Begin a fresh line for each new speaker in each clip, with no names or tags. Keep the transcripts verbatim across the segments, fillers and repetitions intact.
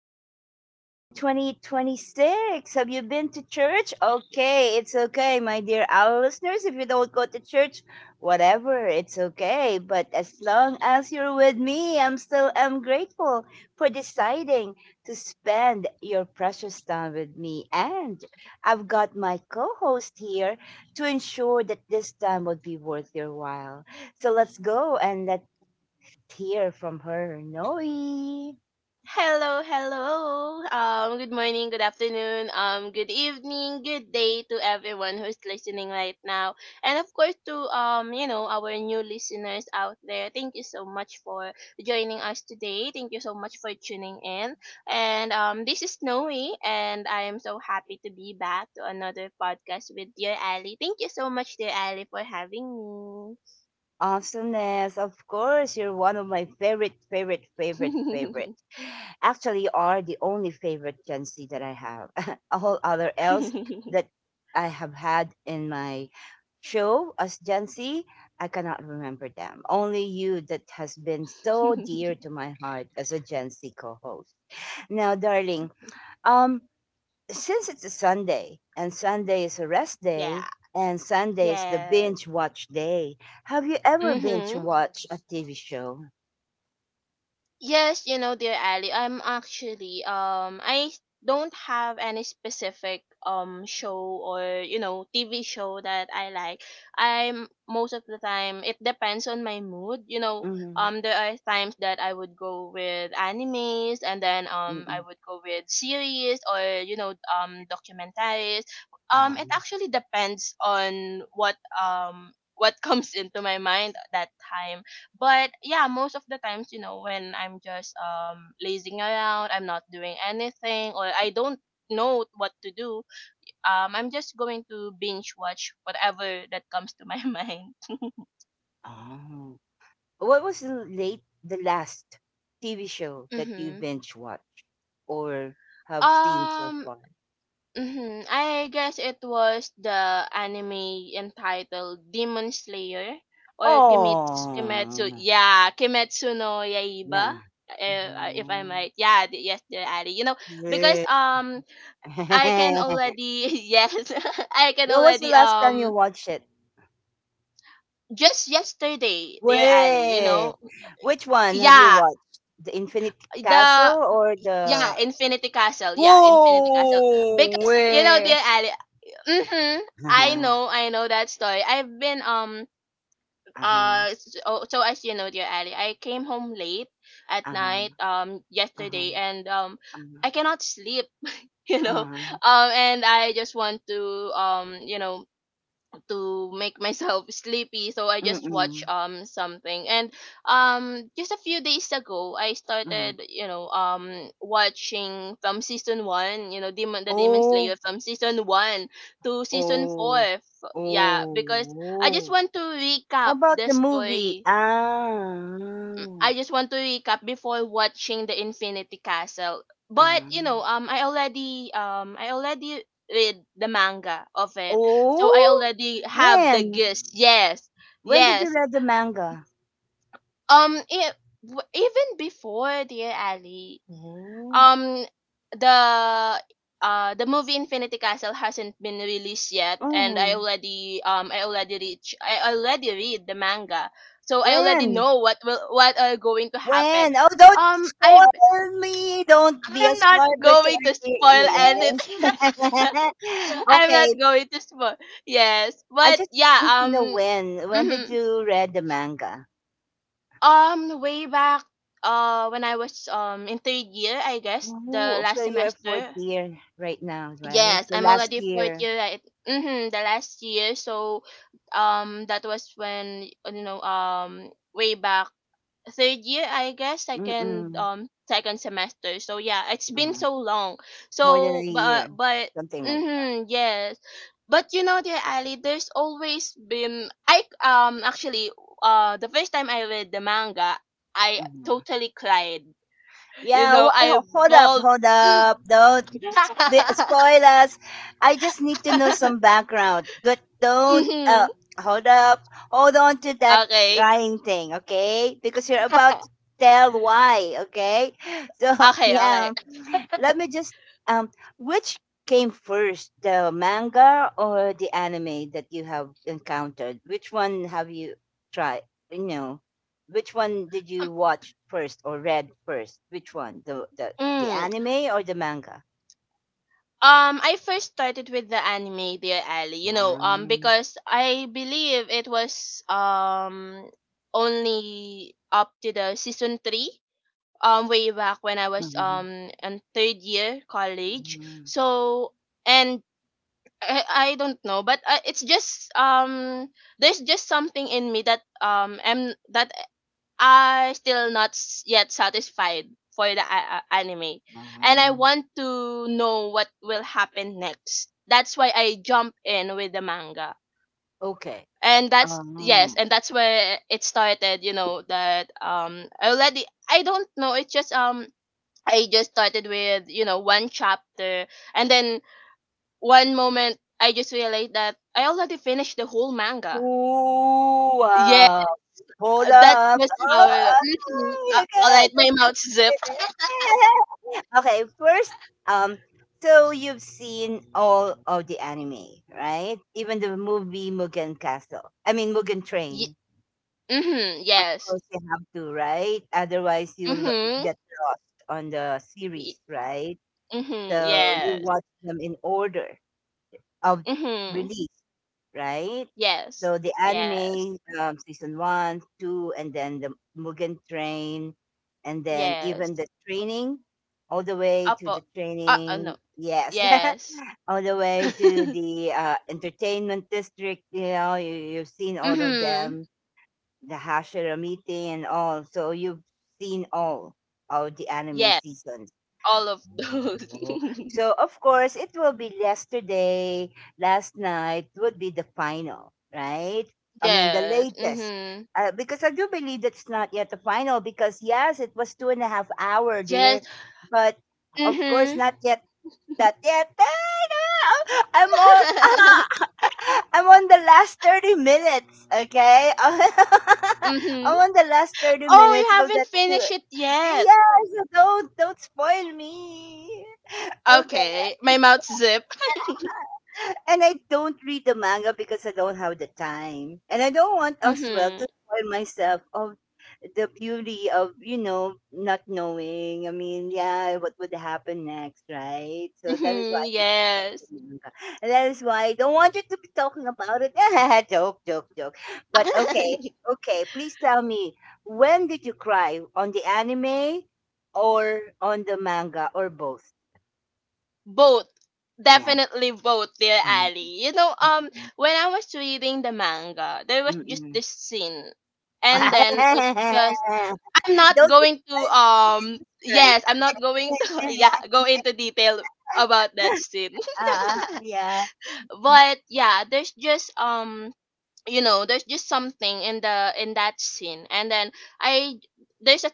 of the year twenty twenty-six. Have you been to church? Okay, it's okay, my dear our listeners. If you don't go to church, whatever, it's okay. But as long as you're with me, I'm still am grateful for deciding to spend your precious time with me. And I've got my co-host here to ensure that this time would be worth your while. So let's go and let's tear from her. Noe.
Hello, hello. Um, good morning, good afternoon, um, good evening, good day to everyone who's listening right now, and of course to um, you know, our new listeners out there. Thank you so much for joining us today. Thank you so much for tuning in. And um, this is Snowy, and I am so happy to be back to another podcast with dear Ali. Thank you so much, dear Ali, for having
Awesomeness. Of course, you're one of my favorite, favorite, favorite, favorite.
me.
Actually, you are the only favorite Gen Z that I have. All other else that I have had in my show as Gen Z, I cannot remember them. Only you that has been so dear to my heart as a Gen Z co-host. Now, darling, um, since it's a Sunday and Sunday is a rest
Yeah.
day and Sunday is the
Yes.
binge watch day, have you ever binge
Mm-hmm.
watched a T V show?
Yes, you know, dear Ali, I'm actually um I don't have any specific um show or you know T V show that I like. I'm most of the time it depends on my mood. You know,
Mm-hmm.
um there are times that I would go with animes, and then um I
Mm-mm.
would go with series or you know um documentaries. Um it
Um,
actually depends on what, um what comes into my mind at that time, but yeah, most of the times, you know, when I'm just um lazing around, I'm not doing anything, or I don't know what to do. Um i'm just going to binge watch whatever that comes to my mind.
oh. What was the late the last T V show that you
Mm-hmm.
binge watched or have seen so
um
far?
mm-hmm. I guess it was the anime entitled Demon Slayer, or Kimetsu, kimetsu
Oh,
yeah, Kimetsu no Yaiba,
yeah.
uh, if I am
Mhm.
right. Yeah, the- yes, the Ari. You know, because
Yeah.
um I can
When
already, yes, I can
was the
already,
last time
um
you watched it?
just yesterday, dear Ali, you know.
Way. Which one have you
Yeah,
watched? The Infinity
the
Castle or
yeah,
the
Infinity Castle. Yeah, Infinity Castle.
Whoa!
Because you know,
Way.
dear Ali, mhm, I
Uh-huh.
know, I know that story. I've been um
Uh-huh.
uh So, so as you know, dear Ali, I came home late at
Uh-huh.
night, um
Uh-huh.
yesterday, and um
Uh-huh.
I cannot sleep, you know.
Uh-huh.
Um and I just want to um you know to make myself sleepy, so I just watch
Mm-mm.
um something. And um just a few days ago, I
Uh-huh.
started, you know um watching from season one, you know demon the demon
Oh,
slayer from season one to season four,
oh,
F- yeah,
oh,
because I just
oh.
want to
How
recap
about
the
the movie?
story.
Ah.
I just want to recap before watching the Infinity Castle. But
Uh-huh.
you know, um, I already, um, I already read the manga of it, so I
Oh,
already have the
when?
gist. Yes,
When did you
yes.
read the manga?
Um, it, w- even before, dear Ali,
Oh.
um the uh the movie Infinity Castle hasn't been released yet, and I
Mm.
already um I already reach I already read the manga. So I already
When?
know what will what are going to happen.
When? Oh, don't
Um I
spoil me. Don't be a
I'm not
spoiler to
going
our
to
dear
spoil
ears.
anything. I'm not
Okay,
going to spoil. Yes.
I
But
just
yeah,
need to know
um
when. When did
mhm.
you read the manga?
um way back, uh when I was um in third year, I guess, the
Oh,
last
so you're fourth
semester.
year right now, right?
Yes,
So
I'm
last
already fourth
year,
year right. Mm-hmm, the last year. So um that was when, uh, you know, um way back, third year, I guess, second
mm-mm,
um second semester. So yeah, it's been
uh,
so long.
more than a
So
year,
but but,
something like that.
mm-hmm, yes. But you know, dear Ali, there's always been, I um actually uh the first time I read the manga, I
Mhm.
totally cried. You
Yeah,
know,
wh-
I
hold up,
bawled.
hold up. Don't They spoil us. I just need to know some background, but don't uh,
Mhm.
hold up, hold on to that
Okay.
crying thing, okay? Because you're about to tell why, okay? So
Okay, okay.
yeah, let me just um, which came first, the manga or the anime that you have encountered? Which one have you tried? You know, which one did you watch first or read first? Which one, the the the
Mm.
anime or the manga?
Um, I first started with the anime, dear Ali, you know, um,
Mhm,
because I believe it was um only up to the season three, um, way back when I was um
mhm,
in third year college.
mhm,
So and I, I don't know, but I, it's just, um there's just something in me that um am that are still not, s- yet satisfied for the a- a- anime, and I
mhm.
want to know what will happen next. That's why I jump in with the manga.
Okay.
And that's yes
Oh.
and that's where it started, you know, that, um I already I don't know. It's just, um I just started with, you know, one chapter, and then one moment I just realized that I already finished the whole manga.
Ooh,
Yeah,
wow. Hold
that's
up.
just how. Mhm.
Oh,
Uh,
you
all
got
right, my
the best
mouth zip.
spider. Okay, first, um, so you've seen all of the anime, right? Even the movie Mugen Castle. I mean Mugen Train.
Mhm.
Of
Yes.
course, you have to, right? Otherwise, you'll
Mhm.
get lost on the series,
Y-
right?
Mhm.
So you
Yes.
watch them in order of
Mhm.
release, right?
Yes.
So the
Yes.
anime um, season one, two, and then the Mugen Train, and then
Yes.
even the training, all the way to
Upper.
the
Uh, uh no.
training. Yes,
Yes.
all the way to the uh, entertainment district. You know, you, you've seen all of
Mhm.
them, the Hashira meeting and all. So you've seen all of the anime
Yes.
seasons
All of those.
Oh. So of course it will be yesterday, last night would be the final, right? I mean the
Yes.
latest.
Mhm.
Uh, because I do believe that's not yet the final because yes, it was two and a half hour dear,
Yes.
but of course
Mhm.
not yet that yet. I'm on
Mhm.
I'm on the last thirty minutes, okay? I'm on the last thirty
Oh, you
minutes so
haven't
that
finished
it.
it yet.
Yes, don't don't spoil me. Okay.
Okay. My mouth zip.
And I don't read the manga because I don't have the time. And I don't want as well to
Mhm.
spoil myself of the beauty of, you know, not knowing. I mean, yeah, what would happen next, right? So that is
Mhm.
why
Yes.
And that is why I don't want you to be talking about it. Joke, joke, joke. But okay, okay. Please tell me, when did you cry? On the anime or on the manga or both?
Both,
Yeah.
definitely both, dear
Mm,
Ali, you know. Um when I was reading the manga, there was
mm,
just
mm, mm.
this scene, and then it just. I'm not
Don't
going to,
describe. Do
um
describe.
yes, I'm not going to, yeah, go into detail about that scene.
Ah, yeah.
But yeah, there's just, um you know, there's just something in the, in that scene, and then I there's a,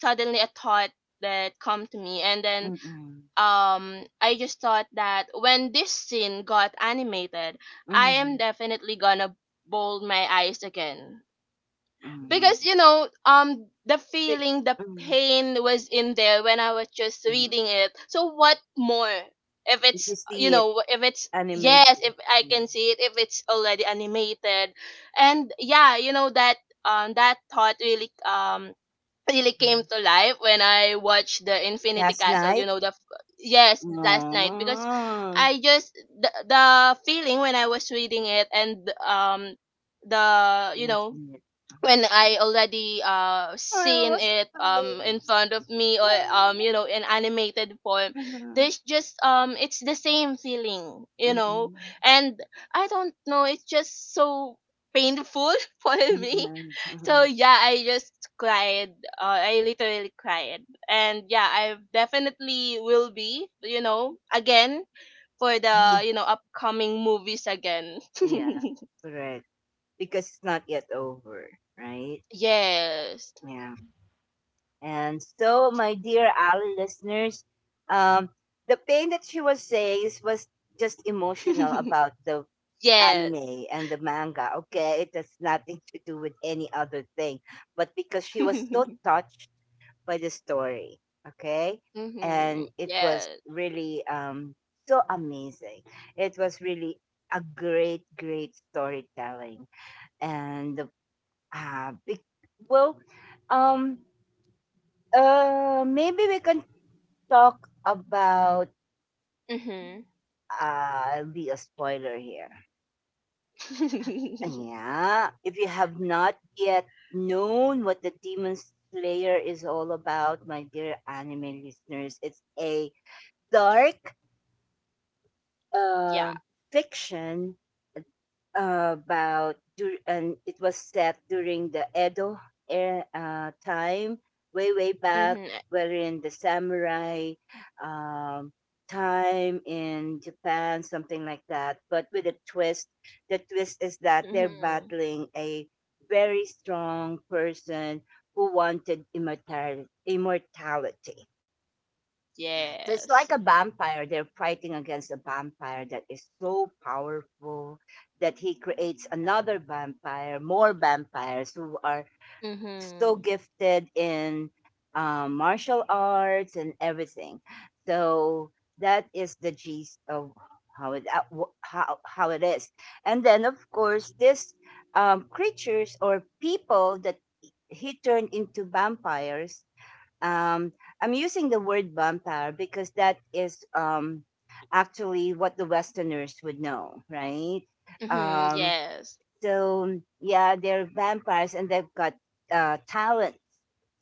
suddenly a thought that come to me, and then
Mm-mm.
um I just thought that when this scene got animated, I am
Mm-mm.
definitely gonna bold my eyes again.
Mm-mm.
Because you know, um the
It-
feeling, the
mm,
pain was in there when I was just
mm.
reading it. So what more? If
If you
it's, you
see it
know, if it's, yes,
animated.
if I
Mm.
can see it, if it's already animated. And yeah, you know that, um that thought really, um really came to life when I watched the Infinity
Last
Castle. You
night?
know the. Yes, last night, because
Mm.
I just, the, the feeling when I was reading it, and, um the you
Last
know
night.
when I already, uh
I
seen
was
it, um in
crying.
front of me, or, um you know in animated form,
Mhm. Mhm.
there's just, um it's the same feeling, you know. And I don't know, it's just so painful for me.
Mhm.
So
Mhm.
yeah, I just cried. Uh, I literally cried, and yeah, I definitely will be, you know, again for the, you know upcoming movies again.
Yeah, correct. Because it's not yet over, right?
Yes.
Yeah. And so, my dear Ali listeners, um, the pain that she was saying is- was just emotional about the
Yes.
anime and the manga. Okay, it has nothing to do with any other thing, but because she was so
Mhm.
touched by the story, okay, and it was
Yes.
really um, so amazing. It was really a great, great storytelling, and uh, bec- well, um. Uh, maybe we can talk about
Mhm.
uh be a spoiler here. Yeah, if you have not yet known what the Demon Slayer is all about, my dear anime listeners, it's a dark
Yeah.
uh, fiction about dur- and it was set during the Edo era, uh, time, way way back,
Mhm.
wherein the samurai um, time in Japan, something like that. But with a twist, the twist is that they're
Mhm.
battling a very strong person who wanted immortality. Immortality. It's like a
Yes.
vampire. They're fighting against a vampire that is so powerful that he creates another vampire, more vampires who are so
Mhm.
gifted in um, martial arts and everything. So that is the gist of how it uh, wh- how how it is. And then of course, this um, creatures or people that he turned into vampires um, I'm using the word vampire because that is um, actually what the Westerners would know, right?
Mhm.
Um,
Yes.
so yeah, they're vampires and they've got uh, talents,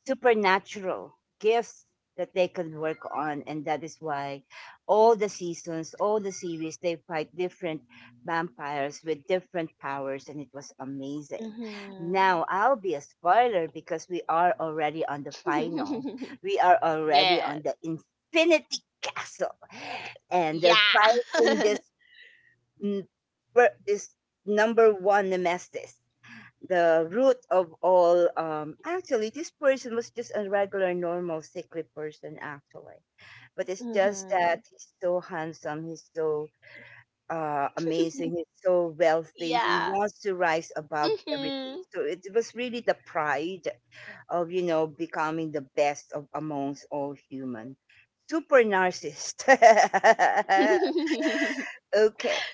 supernatural gifts that they can work on, and that is why all the seasons, all the series, they fight different vampires with different powers, and it was amazing.
Mhm.
Now I'll be a spoiler because we are already on the final. We are already
Yes.
on the Infinity Castle, and they're
Yeah.
fighting this n- fir- is number one nemesis, the root of all. Um, actually, this person was just a regular, normal, sickly person, actually. But it's just that
Mhm.
he's so handsome, he's so uh, amazing, he's so wealthy, he
Yeah.
wants to rise above everything.
Mhm.
So it was really the pride of, you know, becoming the best of amongst all human. Super narcissist. Okay.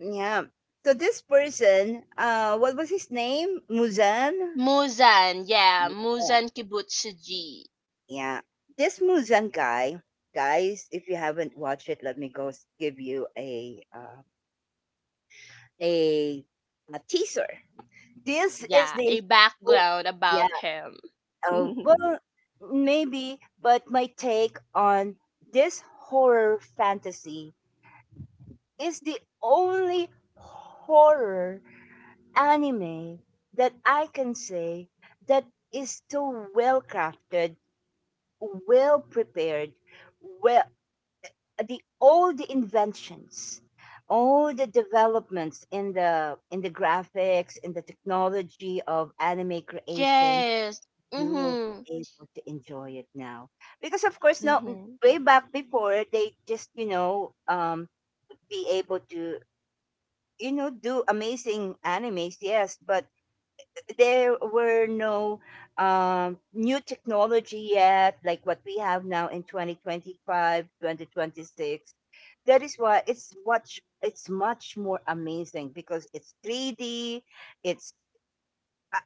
Yeah. So this person, uh, what was his name? Muzan?
Muzan, yeah,
Yeah.
Muzan Kibutsuji.
Yeah. This Muzan guy, guys, if you haven't watched it, let me go s- give you a uh, a, a teaser. This is
Yeah,
the
a
oh,
background
yeah.
about him.
Uh, well, maybe, but my take on this horror fantasy is the only horror anime that I can say that is so well crafted, well prepared, well the all the inventions, all the developments in the in the graphics, in the technology of anime creation,
Yes.
you will
Mhm.
be able to enjoy it now. Because of course now
Mhm.
way back before they just, you know, um be able to you know do amazing animes, yes, but there were no um, new technology yet, like what we have now in twenty twenty five, twenty twenty-six. That is why it's much it's much more amazing because it's three D. It's uh,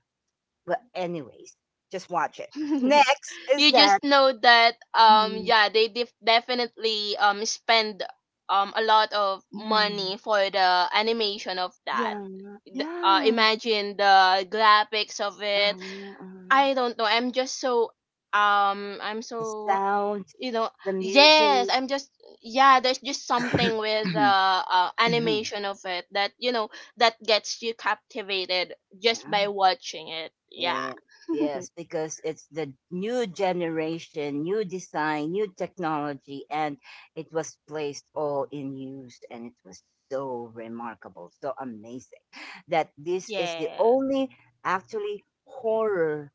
well, anyways, just watch it. Next is
You
that.
just know that, um
Mm,
yeah, they, def- definitely, um spend, um a lot of
mm,
money for the animation of that.
yeah,
Th- uh,
yeah.
imagine the graphics of it.
uh, uh,
I don't know, I'm just so, um I'm
the
so,
sound,
you know,
the music.
yes, I'm just, yeah, there's just something with the, uh, animation of it, that, you know, that gets you captivated just by
yeah.
watching it. Yeah.
Yeah. Yes, because it's the new generation, new design, new technology, and it was placed all in use, and it was so remarkable, so amazing that this is the only actually horror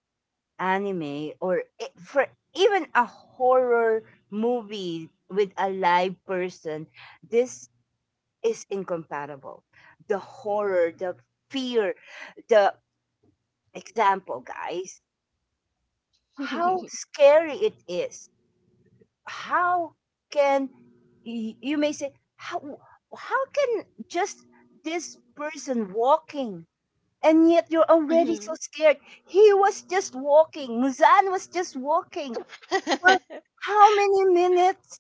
anime or e- for even a horror movie with a live person. This is incompatible. The horror, the fear, the example, guys
Yeah.
how scary it is. How can y- you may say how how can just this person walking and yet you're already so
Mhm.
scared. He was just walking. Muzan was just walking for how many minutes?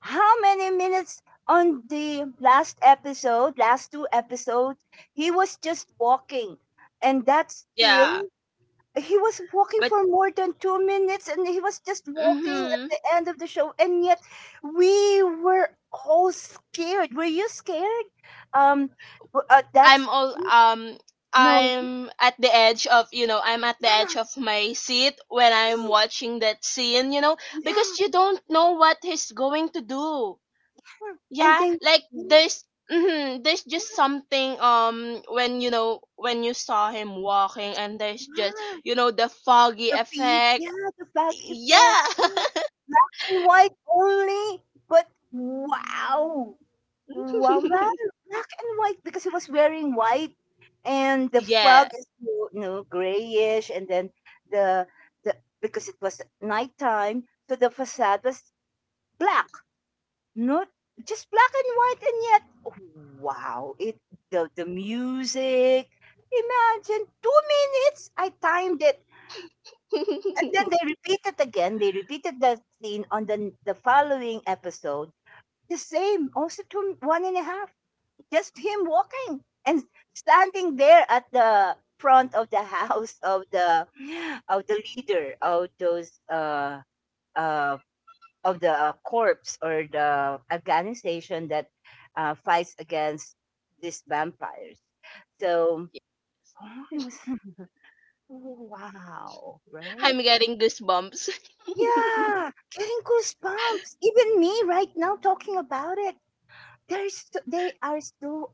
How many minutes on the last episode, last two episodes, he was just walking. And that's
Yeah,
still he was walking
but
for more than two minutes and he was just walking at
mhm.
the end of the show and yet we were all scared were you scared um w- uh,
I'm
that's
all um
no
I'm at the edge of, you know, I'm at the
yeah,
edge of my seat when I'm
yeah,
watching that scene, you know,
yeah.
because you don't know what he's going to do.
And
Yeah,
they
like
yeah,
there's mhm, there's just something, um when, you know, when you saw him walking, and there's just,
yeah.
you know, the foggy
The feet
effect.
yeah the back effect
Yeah.
yeah. Black and white only but wow. Wow, well, black and white because he was wearing white, and the
Yeah.
fog is you know grayish, and then the the because it was nighttime, so the facade was black, not just black and white, and yet wow, it the the music. Imagine two minutes. I timed it, and then they repeated again. They repeated the scene on the the following episode. The same, also two one and a half just him walking and standing there at the front of the house of the of the leader of those uh uh of the uh, corpse or the organization that uh, fights against these vampires. So oh, it was wow, right?
I'm getting goosebumps.
Yeah, getting goosebumps. Even me right now talking about it. There's so, they are so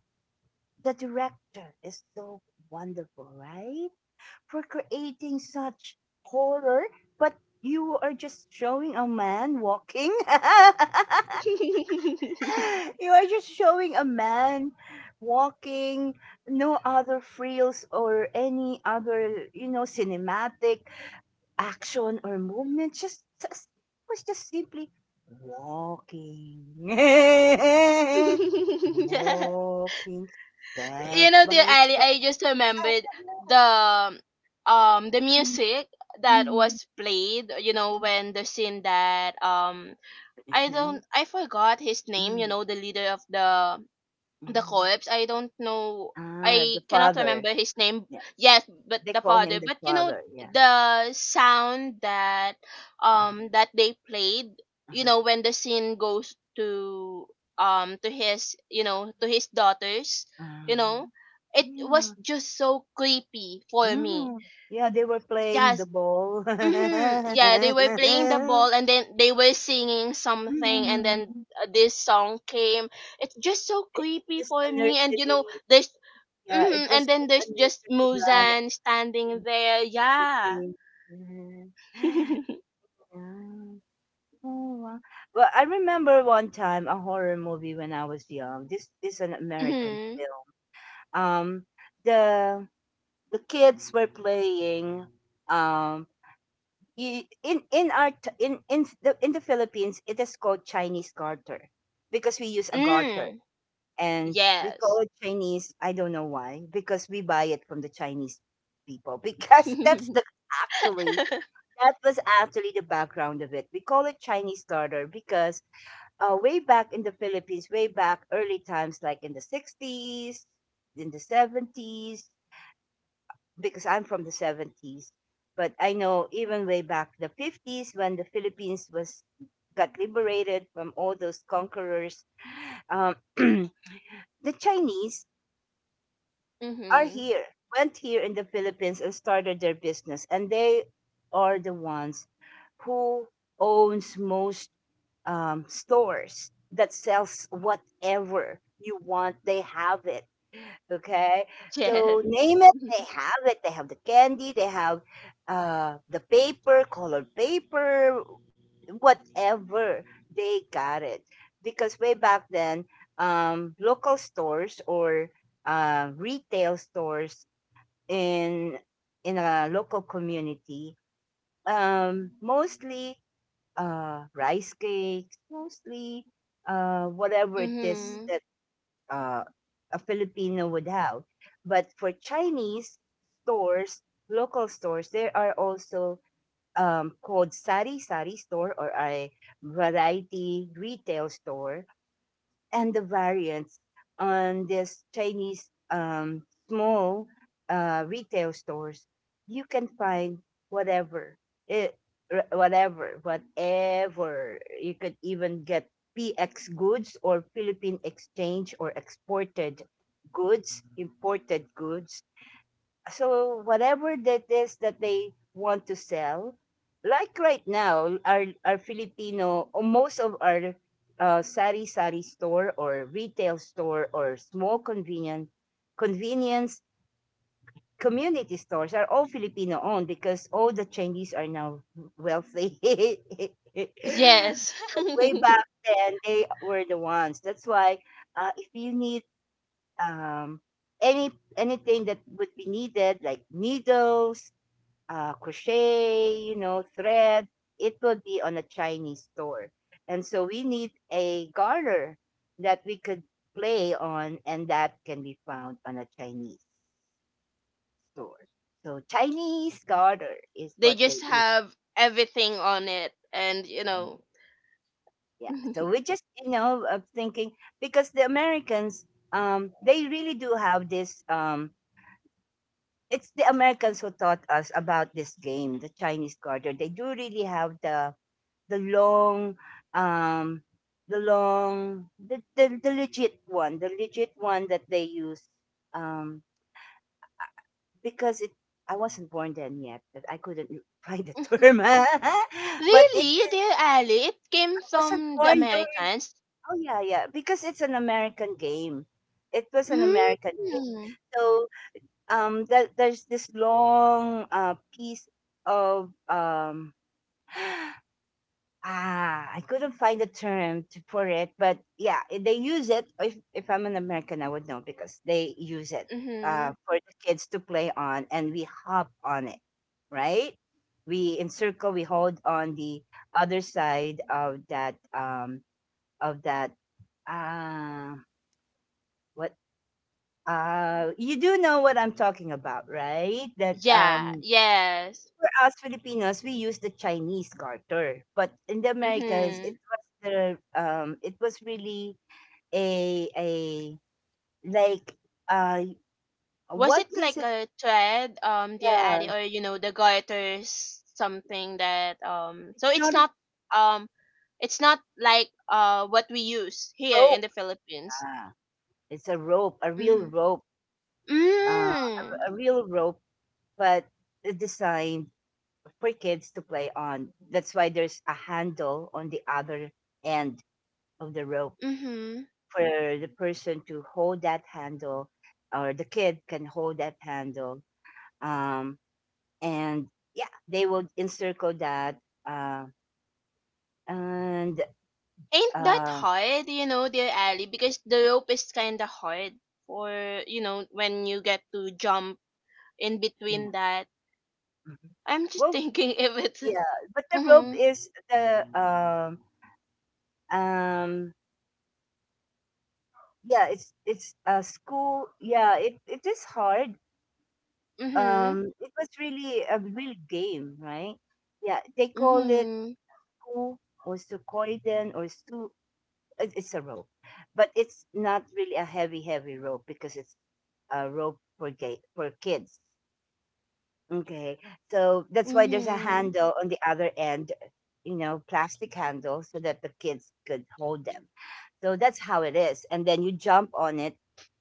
the director is so wonderful, right? For creating such horror, but you are just showing a man walking. You are just showing a man walking, no other frills or any other, you know, cinematic action or movement. Just, just it was just simply walking,
You
walking step
know, dear
by
Ali, I just remembered the um the
Mhm.
music that
Mhm.
was played. You know, when the scene that, um I don't I forgot his name. You
Mhm.
know, the leader of the the
Mhm.
corpse. I don't know,
Ah,
I
the
cannot
father.
remember his name.
Yeah,
Yes, but
they
the
call
father.
him the
But you know
father. Yeah.
the sound that
Uh-huh.
um that they played. You
Uh-huh.
know, when the scene goes to um to his you know to his daughters. You
Uh,
know, it was
yeah.
just so creepy for me.
uh Yeah, they were playing
Yes.
the ball.
Mm-hmm. Yeah, they were playing the ball, and then they were singing something, and
Mhm.
then, uh, this song came. It's just so
It's
creepy
just
for
a
me, and you know
nursery.
there's,
Yeah, it
mm-hmm, and
was
then
just a
there's just
nursery rhyme.
Muzan standing there. Yeah.
Mhm. Yeah. Oh, wow. Well, I remember one time a horror movie when I was young. This is an American
Mm-hmm.
film. Um, the the kids were playing. Um, y- in in our t- in in the in the Philippines, it is called Chinese garter because we use a garter
Mm.
and we call
Yes.
it Chinese. I don't know why because we buy it from the Chinese people because that's the actually that was actually the background of it. We call it Chinese garter because uh, way back in the Philippines, way back early times, like in the sixties, in the seventies, because I'm from the seventies. But I know even way back the fifties, when the Philippines was got liberated from all those conquerors, um, the Chinese are
Mm-hmm.
here, went here in the Philippines and started their business. And they are the ones who owns most um, stores that sells whatever you want. They have it. Okay. So
Yes.
name it, they have it. They have the candy, they have uh the paper, colored paper, whatever. They got it. Because way back then, um local stores or uh retail stores in in a local community, um mostly uh rice cakes, mostly uh whatever it is
Mm-hmm.
uh, a Filipino would have. But for Chinese stores, local stores, there are also um, called sari sari store or a variety retail store and the variants on this Chinese um, small uh, retail stores, you can find whatever, it, r- whatever, whatever. You could even get P X goods or Philippine exchange or exported goods, imported goods, so whatever that is that they want to sell like right now, our our Filipino or most of our uh, sari sari store or retail store or small convenient convenience community stores are all Filipino owned, because all the Chinese are now wealthy.
Yes.
Way back then they were the ones, that's why uh, if you need um any anything that would be needed like needles, uh, crochet, you know, thread. It will be on a Chinese store. And so we need a garter that we could play on, and that can be found on a Chinese store. So Chinese garter is
They
what
just
they eat.
have everything on it, and you know.
Yeah. So we just, you know, of thinking because the Americans, um, they really do have this. Um, it's the Americans who taught us about this game, the Chinese garter. They do really have the the long um the long the, the, the legit one, the legit one that they use, um because it I wasn't born then yet but I couldn't find the
Mhm.
term, but it
Really, dear Ali, it came
I wasn't
from the
born during.
Americans.
Oh, yeah, yeah, because it's an American game, it was an
Mm.
American game. So um th- there's this long uh piece of um ah, I couldn't find a term to for it, but yeah, i- they use it. If if I'm an American, I would know because they use it
Mm-hmm.
uh, for the kids to play on, and we hop on it, right? We encircle, we hold on the other side of that um of that uh what uh you do know what I'm talking about, right? That
Yeah.
um
Yes.
for us Filipinos, we use the Chinese garter, but in the Americas,
Mm-hmm.
it was the um, it was really a a like uh,
Was
what
it
is
like
it?
a thread, um, dear
Yeah,
Ali, or you know the garters, something that, um? So
it's
it's
not a
not, um, it's not like, uh what we use here in
rope.
the Philippines.
Ah, it's a rope, a real
Mm-hmm.
rope, uh,
Mm.
a real rope, but it's designed for kids to play on. That's why there's a handle on the other end of the rope
Mm-hmm.
for the person to hold that handle or the kid can hold that handle. Um, and yeah, they will encircle that. Uh, and
Ain't that
uh,
hard, you know, dear Ali, because the rope is kind of hard for, you know, when you get to jump in
yeah.
between that.
Mhm.
I'm just
Well,
thinking if it's.
yeah, but the rope
Mm-hmm.
is the um um yeah, it's it's uh, school. Yeah, it it is hard.
Mm-hmm.
Um, it was really a real game, right? Yeah, they call it
Mm-hmm.
ku or sukoiden or su. it- It's a rope, but it's not really a heavy, heavy rope because it's a rope for gay, for kids. Okay. So that's why there's a
Mm-hmm.
handle on the other end, you know, plastic handle so that the kids could hold them. So that's how it is. And then you jump on it.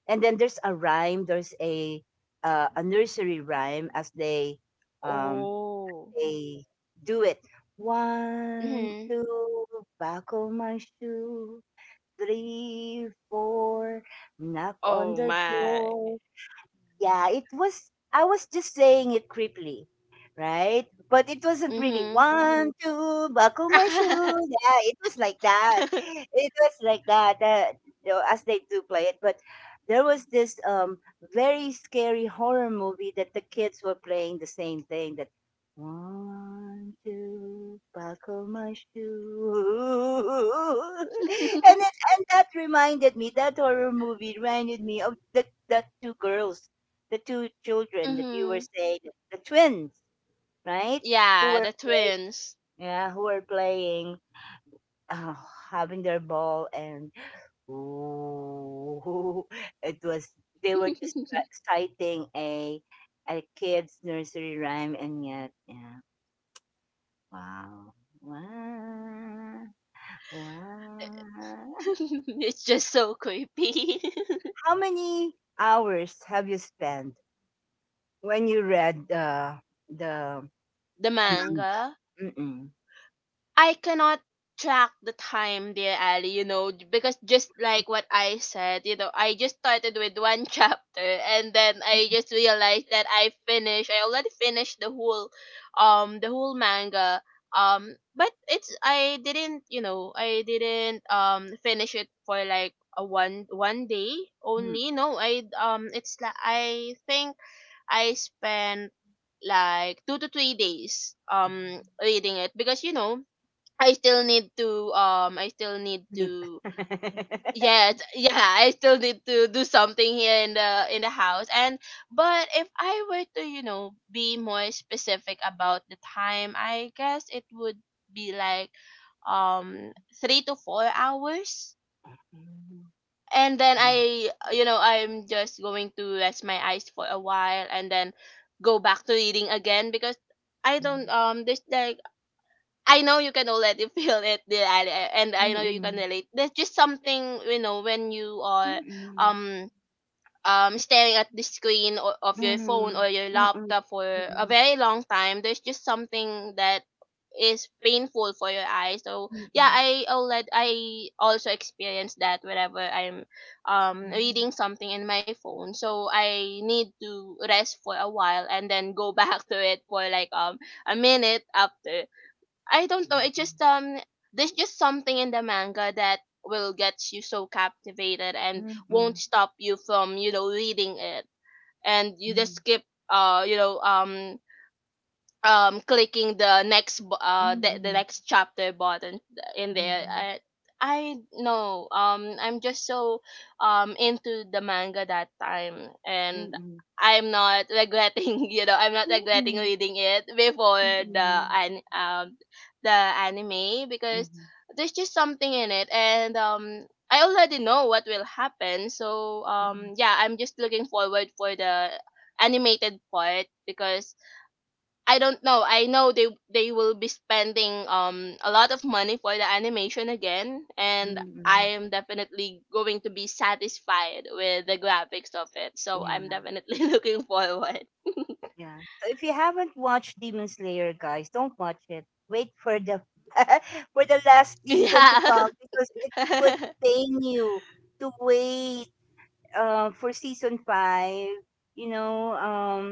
And then there's a rhyme, there's a uh, a nursery rhyme as they um
Oh.
they do it. One,
Mhm.
two, buckle my shoe. Three, four, knock on
Oh
the
my.
door. Yeah, it was. I was just saying it creepily, right? But it wasn't really
Mhm.
one, two, buckle my shoe. Yeah, it was like that. It was like that. That, you know, as they do play it, but there was this um very scary horror movie that the kids were playing the same thing. That one, two, buckle my shoe, and then, and that reminded me, that horror movie reminded me of the the two girls, the two children that you were
Mhm.
saying, the twins, right? Who
Yeah,
were
the
playing,
twins.
yeah, who were playing, uh, having their ball, and ooh, it was they were just rec- citing a a kid's nursery rhyme, and yet, yeah, wow, wow, wow.
It's just so creepy.
How many hours have you spent when you read the the
The
Amanda?
manga.
Mm-mm.
I cannot track the time, dear Ali, you know, j- because just like what I said, you know, I just started with one chapter, and then I just realized that I finished I already finished the whole, um the whole manga. Um but it's I didn't, you know, I didn't um finish it for like a one one day only. No, I um it's like I think I spent like two to three days um
Mm-mm.
reading it, because you know I still need to um I still need
Dip.
to yes, yeah, I still need to do something here in the in the house. And but if I were to, you know, be more specific about the time, I guess it would be like um three to four hours. And then I, you know, I'm just going to rest my eyes for a while and then go back to reading again, because I don't um there's like, I know you can already feel it, Dear Ali, and
Mm,
I
mm,
know
mm,
you can
mm,
relate. There's just something, you know when you
mm,
are
mm,
um um staring at the screen o- of
mm,
your phone
mm,
or your
mm, mm,
laptop for a
mm,
very long time. There's just something that is painful for your eyes. So yeah,
mm,
I already I also experience that whenever I'm um
mm,
reading something in my phone. So I need to rest for a while and then go back to it for like um a minute after. I don't know. It
mm,
just um, there's just something in the manga that will get you so captivated and
mm,
won't
mm,
stop you from you know reading it, and you just keep uh you know um um clicking the next bu-
mm,
uh the, the
mm,
next chapter button in there. I i know, um I'm just so um into the manga that time, and I'm not regretting, you know I'm not regretting reading it before the an um the anime,
mm,
because
mm,
there's just something in it. And um I already know what will happen, so
mm.
um yeah, I'm just looking forward for the animated part, because I don't know. I know they they will be spending um a lot of money for the animation again, and I
Mm.
am definitely going to be satisfied with the graphics of it. So
Yeah,
I'm definitely looking forward.
yeah. So if you haven't watched Demon Slayer, guys, don't watch it. Wait for the for the last season to
Yeah.
come because it would pain you to wait uh, for season five, you know, um,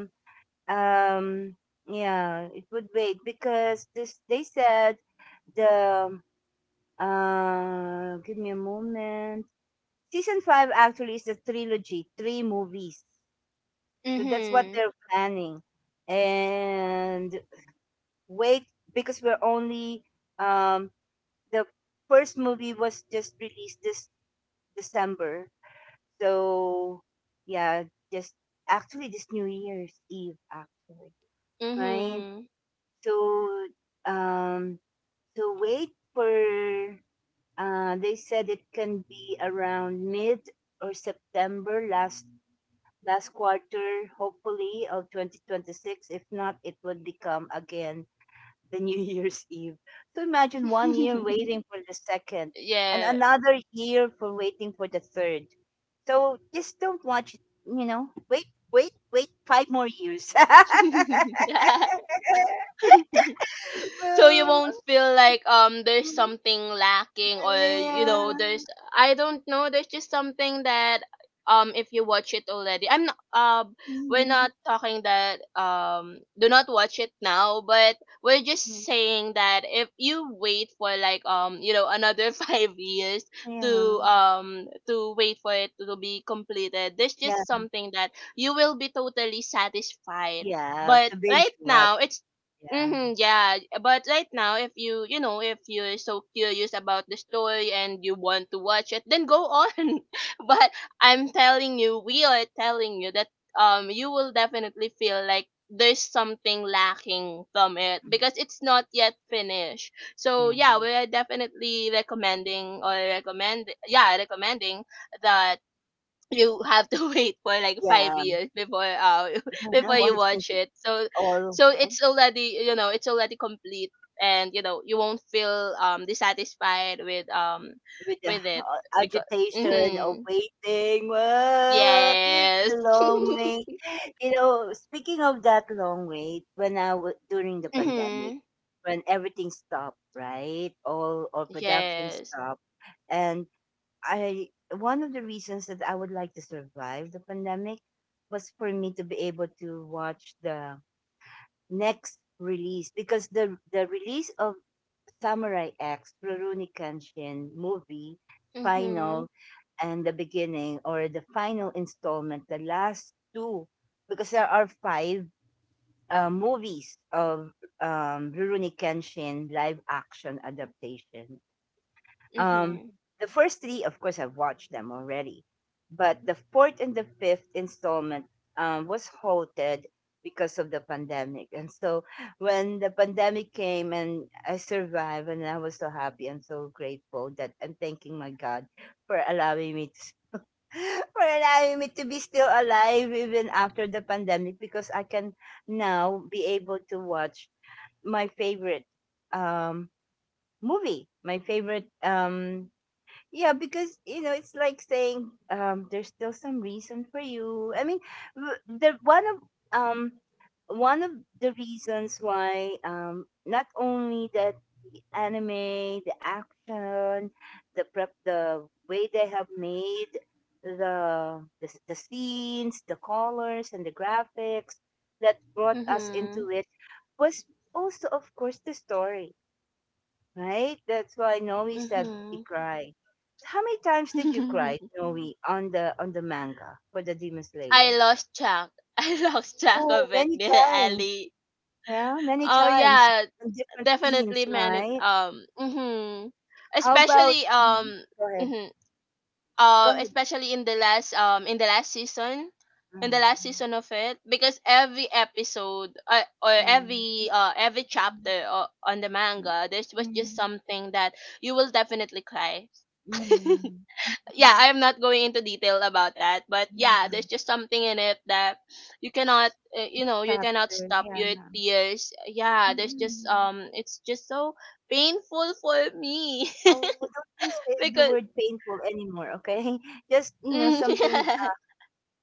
um, yeah, it would wait because this they said the uh, give me a moment. Season five actually is a trilogy, three movies, so that's what
Mhm.
they're planning, and wait because we're only um the first movie was just released this December. So yeah, just actually this New Year's Eve actually, right?
Mhm.
So um, so wait for uh, they said it can be around mid or September, last last quarter, hopefully of twenty twenty-six. If not, it would become again the New Year's Eve. So imagine one year waiting for the second, and
Yeah.
another year for waiting for the third. So just don't watch it, you know. Wait, wait, wait five more years.
Yeah. So you
Well,
won't feel like um there's something lacking, or you know
yeah.
there's, I don't know, there's just something that um if you watch it already, I'm not um we're
Mhm.
not talking that um do not watch it now, but we're just saying that if you wait for like um you know another five years
Yeah.
to um to wait for it to be completed, there's
Yeah.
just something that you will be totally satisfied,
Yeah.
but
To binge
right
watch.
now it's,
Yeah.
mm-hmm, yeah, but right now, if you you know if you're so curious about the story and you want to watch it, then go on. But I'm telling you, we are telling you that um you will definitely feel like there's something lacking from it,
Mm,
because it's not yet finished. So
yeah.
yeah, we are definitely recommending or recommend yeah recommending that you have to wait for like five
Yeah.
years before uh before you
Watching
watch it, so
all.
so it's already, you know, it's already complete, and you know you won't feel um dissatisfied with um
With the
with it
ho
because
agitation of
mm-hmm,
waiting, ah,
yes.
the long wait. You know, speaking of that long wait, when I was during the pandemic,
Mm-hmm,
when everything stopped, right? All all production
yes.
stopped. And I, one of the reasons that I would like to survive the pandemic was for me to be able to watch the next release, because the the release of Samurai X, Rurouni Kenshin movie,
Mm-hmm,
final, and the beginning, or the final installment, the last two, because there are five uh, movies of um, Rurouni Kenshin live action adaptation. Um,
mm-hmm,
the first three, of course, I've watched them already, but the fourth and the fifth installment um, was halted because of the pandemic. And so when the pandemic came and I survived, and I was so happy and so grateful that I'm thanking my God for allowing me to. For allowing me to be still alive even after the pandemic, because I can now be able to watch my favorite um, movie, my favorite um, yeah, because you know it's like saying um, there's still some reason for you. I mean, w- the one of um, one of the reasons why um, not only that anime, the action, the prep, the way they have made the the, the scenes, the colors, and the graphics that brought us
mm-hmm,
into it was also, of course, the story. Right? That's why Noe said
mm-hmm.
suddenly cried. How many times did you cry, Noe, on the on the manga for the Demon Slayer?
I lost track I lost track
Oh,
of it,
many
dear
times.
Ali.
Yeah, many
Oh
times.
yeah,
In different
definitely
scenes,
man it
right?
um mhm.
How about
Especially
Mhm.
um
go ahead.
mhm,
Go
uh
ahead.
especially in the last um in the last season, in the last
Mm,
season of it, because every episode, uh, or
mm,
every uh every chapter, uh, on the manga, there was just
mm,
something that you will definitely cry.
mm,
Yeah, I am not going into detail about that, but
mm,
yeah,
yeah.
there's just something in it that you cannot, uh,
Each
you know, you cannot
chapter,
stop
yeah.
your tears. Yeah, there's just
Mm-mm.
um, it's just so painful for me.
Oh, don't you say the word
Because,
painful anymore, okay? Just, you know,
mm,
something.
yeah.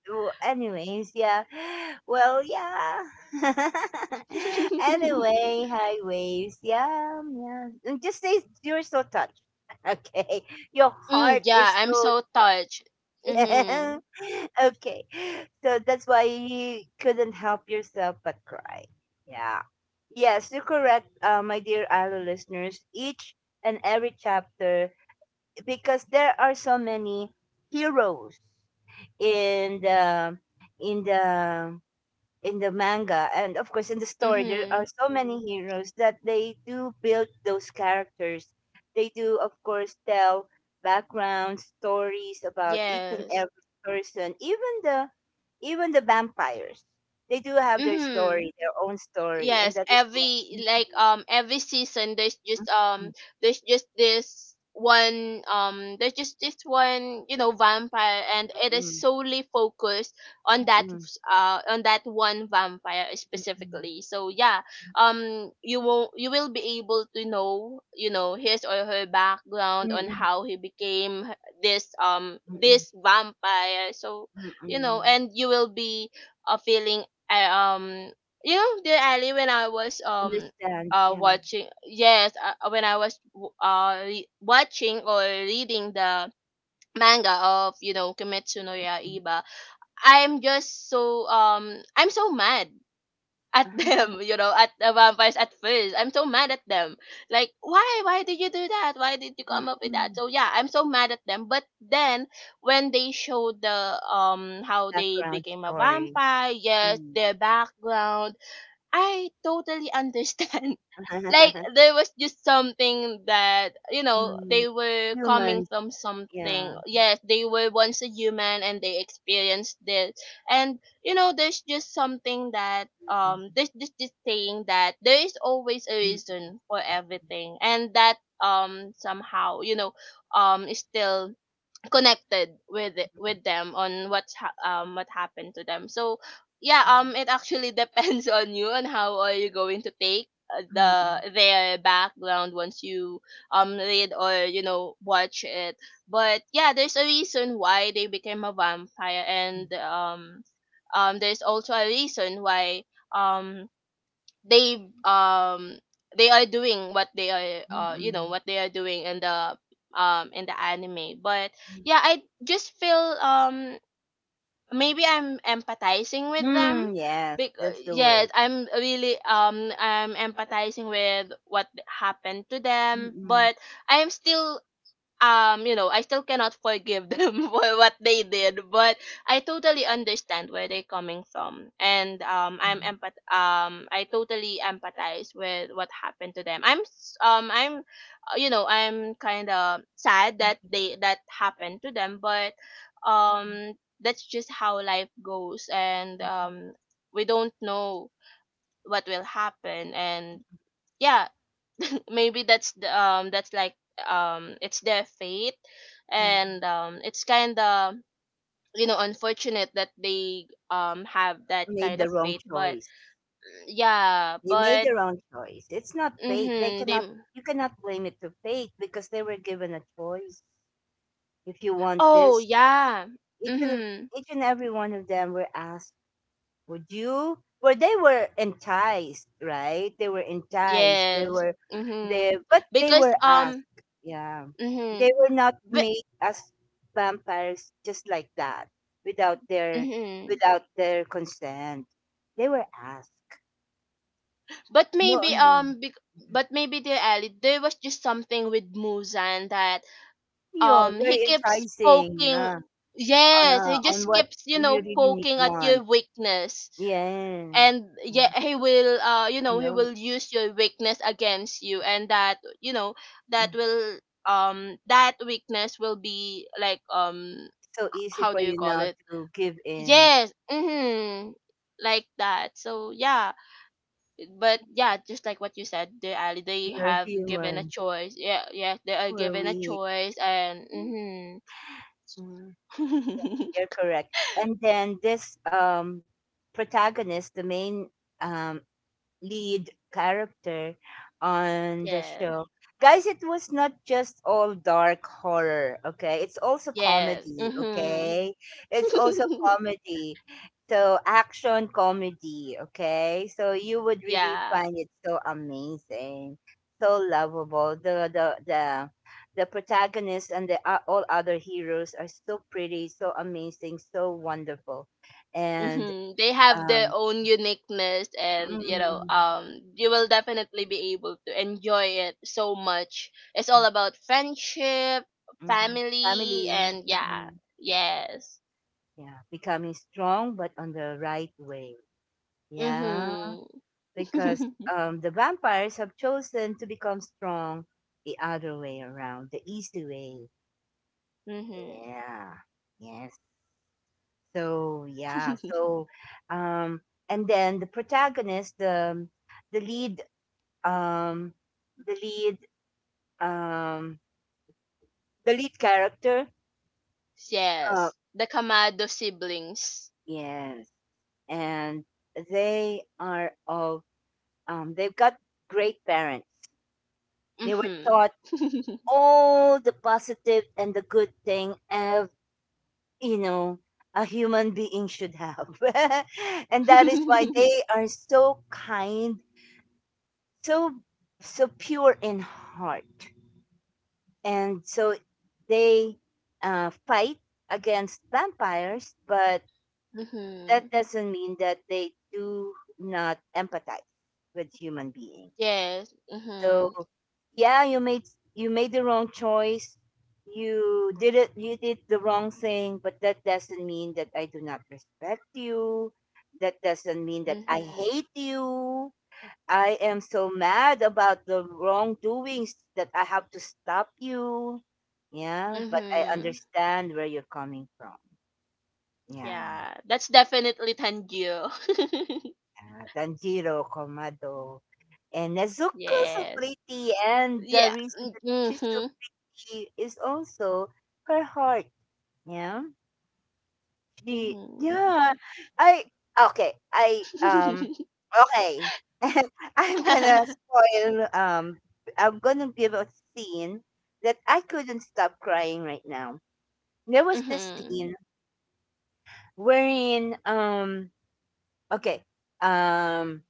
Well, anyways, yeah. Well, yeah. Anyway, hi waves. Yeah, yeah. And just say you're so touched. Okay, your
Mm,
heart
yeah,
is
I'm
so
so touched.
yeah.
Mhm.
Okay, so that's why you couldn't help yourself but cry. Yeah. Yes, you're correct, uh, my dear Alo listeners. Each and every chapter, because there are so many heroes in the in the in the manga, and of course in the story there are
Mhm.
so many heroes, that they do build those characters. They do of course tell background stories about each and
Yes.
every person, even the even the vampires. They do have their
Mhm.
story, their own story, and
Yes,
that is why.
every like um every season there's just um there's just this one um there's just this one, you know, vampire, and it is
Mm,
solely focused on that,
mm,
uh on that one vampire
mm, mm,
specifically. So yeah, um you will, you will be able to know, you know, his or her background
mm,
on how
mm,
he became this, um
mm, mm, mm,
this vampire. So
mm,
you know,
mm.
and you will be, uh, feeling, uh, um you know, dear ali, when I was um
Understand,
uh
yeah.
watching, yes, uh, uh, when I was w- uh re- watching or reading the manga of, you know, kimetsu no yaiba, I'm just so um I'm so mad at them, you know, at the vampires. At first I'm so mad at them, like, why why did you do that, why did you come up with that? So yeah, I'm so mad at them, but then when they showed the um how they
Background
became a
story.
vampire, yes,
Mm.
their background, I totally understand. Like, there was just something that, you know,
Mm.
they were coming
Humans,
from
yeah.
something. Yes, they were once a human and they experienced this. And you know, there's just something that um,
Mm,
there's just this saying that there is always a
mm,
reason for
mm,
everything, and that um somehow, you know, um is still connected with it- with them on what's ha- um what happened to them. So yeah,
mm,
um it actually depends on you, on how are you going to take, uh,
mm,
the their background, once you um read or you know watch it. But yeah, there's a reason why they became a vampire,
mm,
and um um there's also a reason why um they um they are doing what they are,
mm,
uh you know,
mm.
what they are doing in the um in the anime. But yeah, I just feel um maybe I'm empathizing with them,
Mm, yes,
because
that's the
yes
word.
I'm really um I'm empathizing with what happened to
Mm,
them,
mm,
but I'm still um you know, I still cannot forgive them for what they did, but I totally understand where they're coming from. And um i'm
mm,
empath- um I totally empathize with what happened to them. i'm s- um I'm, uh, you know, I'm kind of sad that they that happened to them, but
mm,
um that's just how life goes. And
mm,
um we don't know what will happen, and yeah, maybe that's the, um that's like, um it's their fate,
mm, mm.
and um it's kind of, you know, unfortunate that they um have that
Made
kind
the
of
wrong
fate, but
choice.
yeah.
They made
But
the wrong choice. It's not fate. They
mhm, they
cannot. You cannot blame it to fate because they were given a choice. If you want
oh
this,
yeah.
each and
Mhm,
each and every one of them were asked. Would you? Well, they were enticed, right? They were enticed. They
yes.
were, they
Mhm,
but they
because
were asked.
um
Yeah,
mhm,
they were not
but
made as vampires just like that, without their
mhm.
without their consent. They were asked.
but
No,
maybe
yeah.
um bec- but maybe the Ali, there was just something with Musan that
Yeah,
um he
very
keeps
enticing.
poking,
Yeah, on
yes,
uh,
he
on
just
what
keeps, you
you
know,
really need
poking at
want.
your weakness.
Yeah,
And yeah,
yeah.
he will, uh you know, he
No.
will use your weakness against you, and that, you know, that
Mm.
will um that weakness will be like, um
So easy
how
for
do you
you
call
now
it?
to give in.
Yes, mm-hmm, like that. So yeah, but yeah, just like what you said, they are, they
You're
have given a
human.
choice. Yeah, yeah, they are
We're
given a
weak.
choice, and mm-hmm.
Mhm. You're correct. And then this, um, protagonist, the main, um, lead character on the
Yeah.
show. Guys, it was not just all dark horror, okay? It's also
Yeah.
comedy,
Mhm.
okay? It's also comedy. So, action comedy, okay? So, you would really
Yeah.
find it so amazing, so lovable. The the the the protagonist and the uh, all other heroes are so pretty, so amazing, so wonderful. And,
Mhm. They have their
um
own uniqueness, and you know,
mm,
um you will definitely be able to enjoy it so much. It's all about friendship,
mhm.
family,
Family.
and yeah.
Mm.
Yes.
Yeah, becoming strong, but on the right way. Yeah,
Mhm.
because, um, the vampires have chosen to become strong the other way around, the easy way.
Mhm.
Yeah, yes. So yeah, so, um, and then the protagonist, the the lead, um, the lead, um, the lead character. Uh,
Yes. The Kamado siblings.
yes, and they are all. Um, they've got great parents. They were
Mhm.
taught all the positive and the good thing of, you know, a human being should have. And that is why they are so kind, so so pure in heart. And so they uh, fight against vampires, but
Mhm.
that doesn't mean that they do not empathize with human beings.
Yes.
So,
Mhm.
yeah, you made you made the wrong choice. You did it. You did the wrong thing, but that doesn't mean that I do not respect you. That doesn't mean that I
Mhm.
hate you. I am so mad about the wrongdoings that I have to stop you. Yeah, but I
Mhm.
understand where you're coming from. Yeah,
Yeah, that's definitely Tanjiro.
yeah. Tanjiro Komado and Nezuko, so
Yes.
pretty, and the
Yeah.
reason that she's so,
Mhm.
she is also her heart. Yeah. She,
Mhm.
yeah. I Okay. I um Okay. I'm gonna spoil um I'm gonna give a scene that I couldn't stop crying right now. There was this
Mhm.
scene wherein, um okay. Um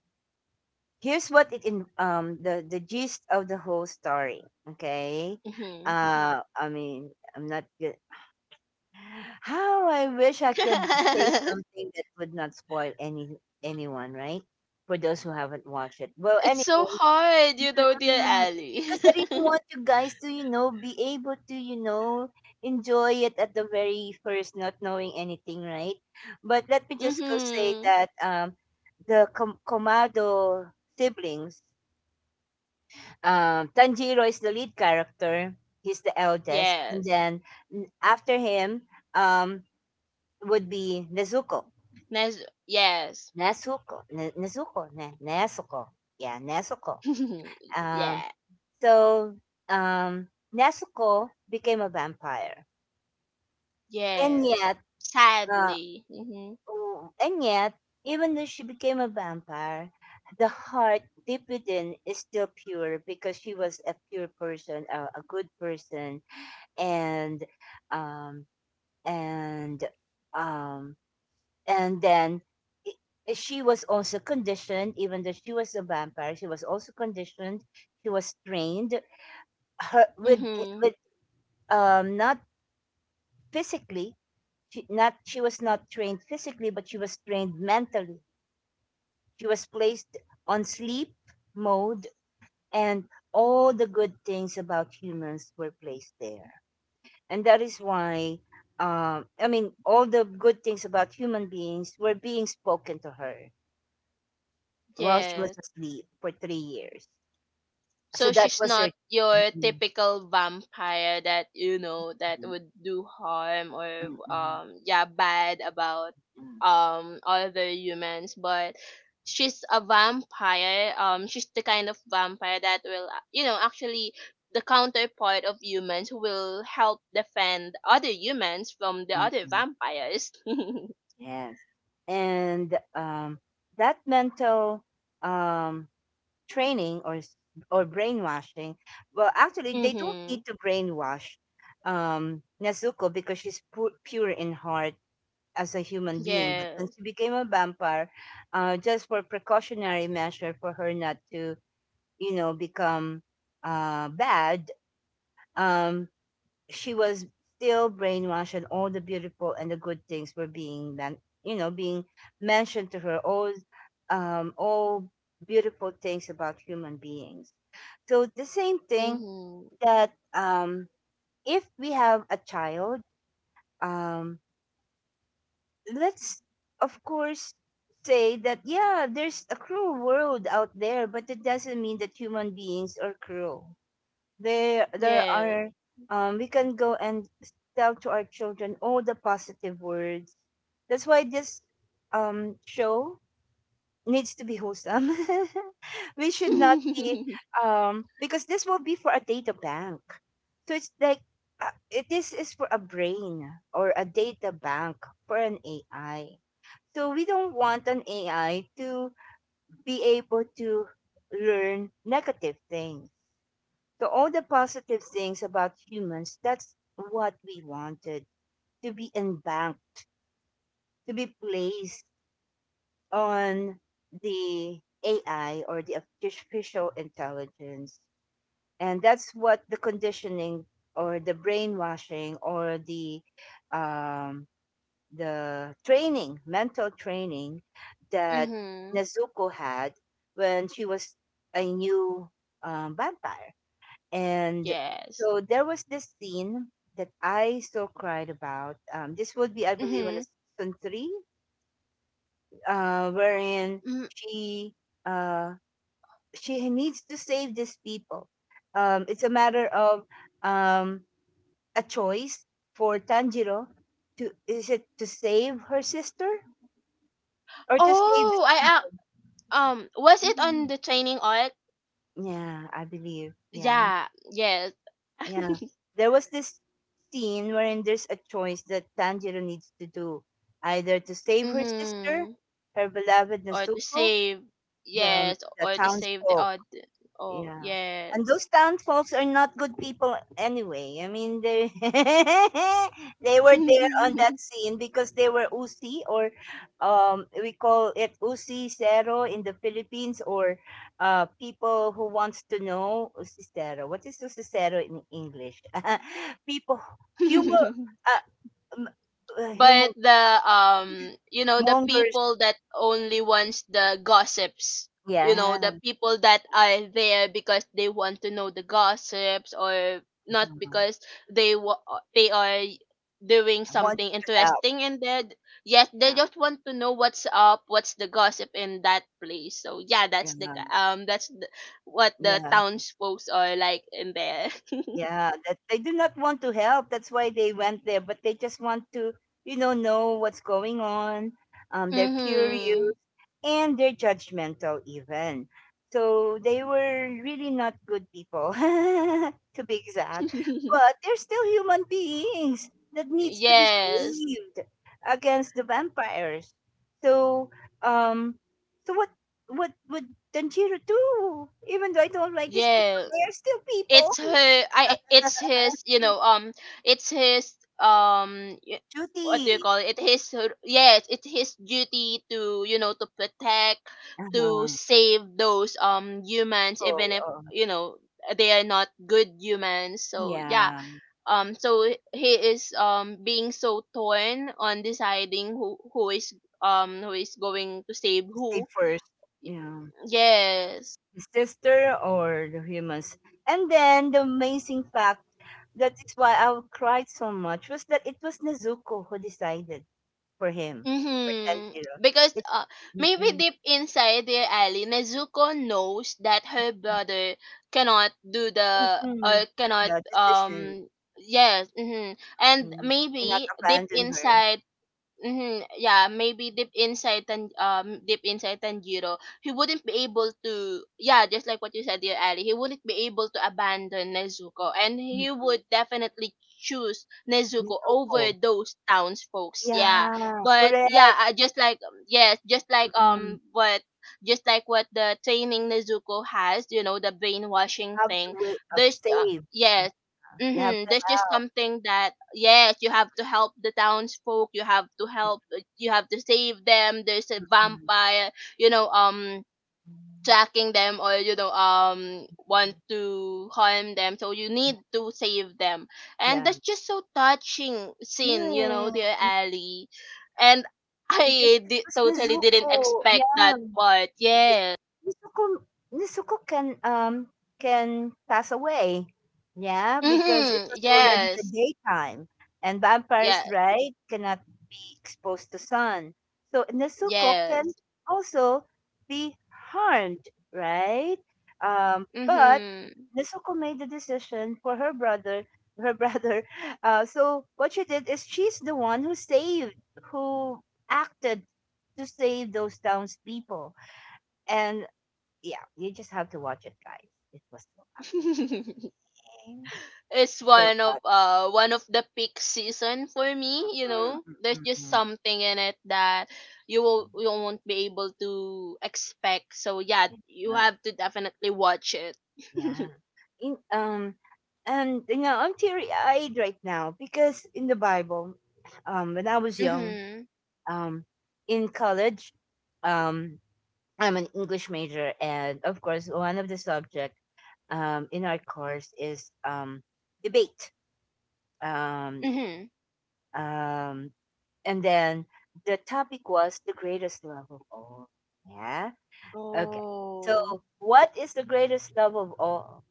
Here's what it in, um the, the gist of the whole story. Okay.
Mhm.
Uh I mean, I'm not good. How I wish I could say something that would not spoil any anyone, right? For those who haven't watched it. Well,
It's so
anyways,
hard, you know, dear
mm,
Ali.
because I really want you guys to, you know, be able to, you know, enjoy it at the very first, not knowing anything, right? But let me just go say
Mhm.
that, um, the Com- Komado siblings. um, Tanjiro is the lead character. He's the eldest, and
Yes.
then, mm, after him, um, would be Nezuko.
Nes- yes.
Nezuko. Ne- Nezuko. Ne- Nezuko. Yeah, Nezuko. Um,
Yeah.
so, um, Nezuko became a vampire. And
Yes.
yet, uh,
Sadly. Mhm.
w- and yet, even though she became a vampire, the heart deep within is still pure because she was a pure person, a, a good person, and um, and um, and then i- eh, she was also conditioned. Even though she was a vampire, she was also conditioned. She was trained her with, eh,
Mhm.
with, um not physically. She not she was not trained physically, but she was trained mentally. She was placed on sleep mode, and all the good things about humans were placed there. And that is why, um, I mean, all the good things about human beings were being spoken to her. While she was
Yes.
asleep for three years. So
So
that
she's
was
not
her.
your
Mm,
typical vampire that, you know, that
mm,
would do harm or
mm, mm,
um yeah, bad about
mm,
um other humans, but she's a vampire. Um, she's the kind of vampire that will, uh, you know, actually the counterpart of humans, who will help defend other humans from the
mm,
other
mm.
vampires.
Yes. And, um, that mental, um, training or s- or brainwashing. Well, actually, they don't need
Mhm.
to brainwash, um, Nezuko, because she's pu- pure in heart as a human being. But when
Yes.
she became a vampire, uh, just for precautionary measure, for her not to, you know, become, uh, bad, um, she was still brainwashed, and all the beautiful and the good things were being, then, you know being mentioned to her. All, um, all beautiful things about human beings. So the same thing
Mhm.
that, um, if we have a child, um, let's of course say that, yeah, there's a cruel world out there, but it doesn't mean that human beings are cruel. there there
Yes.
are, um we can go and tell to our children all the positive words. That's why this, um show needs to be wholesome. We should not be, um because this will be for a data bank. So it's like, uh, it, this is for a brain or a data bank for an A I. So we don't want an A I to be able to learn negative things. So all the positive things about humans, that's what we wanted to be embanked, to be placed on the A I or the artificial intelligence. And that's what the conditioning or the brainwashing or the um, the training, mental training that
Mhm.
Nezuko had when she was a new, um, vampire. And
Yes.
so there was this scene that I so cried about. Um, this would be, I believe, on the
Mm-hmm.
season three, uh, wherein
Mm.
she, uh, she needs to save these people. Um, it's a matter of, um, a choice for Tanjiro to, is it to save her sister, or to save
Oh,
these
I,
people?
uh, um was it on
Mm.
the training art?
Yeah, I believe. Yeah.
Yeah. Yes.
Yeah. There was this scene wherein there's a choice that Tanjiro needs to do, either to save her sister,
Mm-hmm.
her beloved
Or to
Nezuko,
save.
the,
Yes.
the
Or to save the
townsfolk,
odd. Oh
yeah. And
yes.
those townsfolks are not good people anyway. I mean, they they were there on that scene because they were usi, or, um we call it usi cero in the Philippines, or uh people who wants to know, usi cero. What is usi cero in English? People, humor uh, m- uh
But
humor
the, um you know, the
mongers.
people that only wants the gossips, you know,
Yeah.
the people that are there because they want to know the gossips, or not
Want
because they wa- they are doing something
to help.
interesting, and they, yes,
Yeah.
they just want to know what's up, what's the gossip in that place. So yeah, that's the,
Yeah.
um that's the, what the
Yeah.
town's folks are like in there.
Yeah, that they do not want to help. That's why they went there, but they just want to, you know, know what's going on. Um, they're curious,
Mhm.
and they're judgmental even. So they were really not good people, to be exact. But they're still human beings that needs to be
Yes.
saved against the vampires. So, um, so what, what would Tanjiro do? Even though I don't like these people,
Yes,
they are still people.
it's her, I, it's his, you know, um it's his um y- what do you
Judy,
call it? It his, yes, it's his duty to, you know, to protect, to
uh-huh.
save those um humans,
Oh,
even if,
um,
you know, they are not good humans. So yeah,
yeah.
um so he is um being so torn on deciding who, who is um who is going to save
Stay
who.
first. Yeah.
Yes.
His sister or the humans. And then the amazing fact that is why I cried so much was that it was Nezuko who decided for him, for
Mm-hmm.
Tanjiro.
Because,
It.
uh, maybe
Mm-mm.
deep inside there, Ali, Nezuko knows that her brother cannot do the, or
Mm-mm.
cannot
The decision.
um yes. Mm-hmm. And
Mm. Cannot
maybe deep
abandon her.
inside, mm-hmm. Yeah, maybe deep inside, and um deep inside Tanjiro, he wouldn't be able to, yeah, just like what you said, dear Ali, he wouldn't be able to abandon Nezuko, and
Mm-mm.
he would definitely choose Nezuko
Nezuko.
over those townsfolks. Yeah.
Yeah,
But yeah,
correct.
uh, just like um, yes, just like
Mm-mm.
um what, just like what the training Nezuko has, you know, the brainwashing
Have to
thing.
wait, of
There's, uh,
save. Yeah,
yes,
you have
mm-hmm.
to.
There's just something that, yes, you have to help the townsfolk. You have to help. uh, You have to save them. There's a
Mm.
vampire. You know, um, tracking them or you know, um, want to harm them. So you
Yeah.
need to save them, and
Yeah.
that's just so touching scene. You know,
Yes,
dear Ali, and
because
I
it
di-
was
totally didn't
Nezuko.
expect
Yeah.
that part.
Because
Yes.
Nezuko Nezuko can um can pass away. Yeah, because it
Mm-hmm.
was already the
Yes.
daytime, and vampires,
Yeah.
right, cannot be exposed to sun. So Nezuko can
Yes.
also be harmed, right? Um, but
Mm-hmm.
Nezuko made the decision for her brother her brother. Uh, so what she did is, she's the one who saved, who acted to save those townspeople. And yeah, you just have to watch it, guys. It was so amazing.
it's
So
one of
touching.
uh one of the peak season for me, you
Mm,
know, there's
mm,
just
mm.
something in it that you will you won't be able to expect, so yeah, you
Yeah.
have to definitely watch it.
Yeah. In, um, and, you know, I'm teary eyed right now because in the Bible, um, when I was young,
Mhm.
um, in college, um, I'm an English major, and of course, one of the subject, um, in our course is, um, debate. Um,
Mhm.
um, And then the topic was the greatest love of all. Yeah. Okay. So,
Oh.
what is the greatest love of all?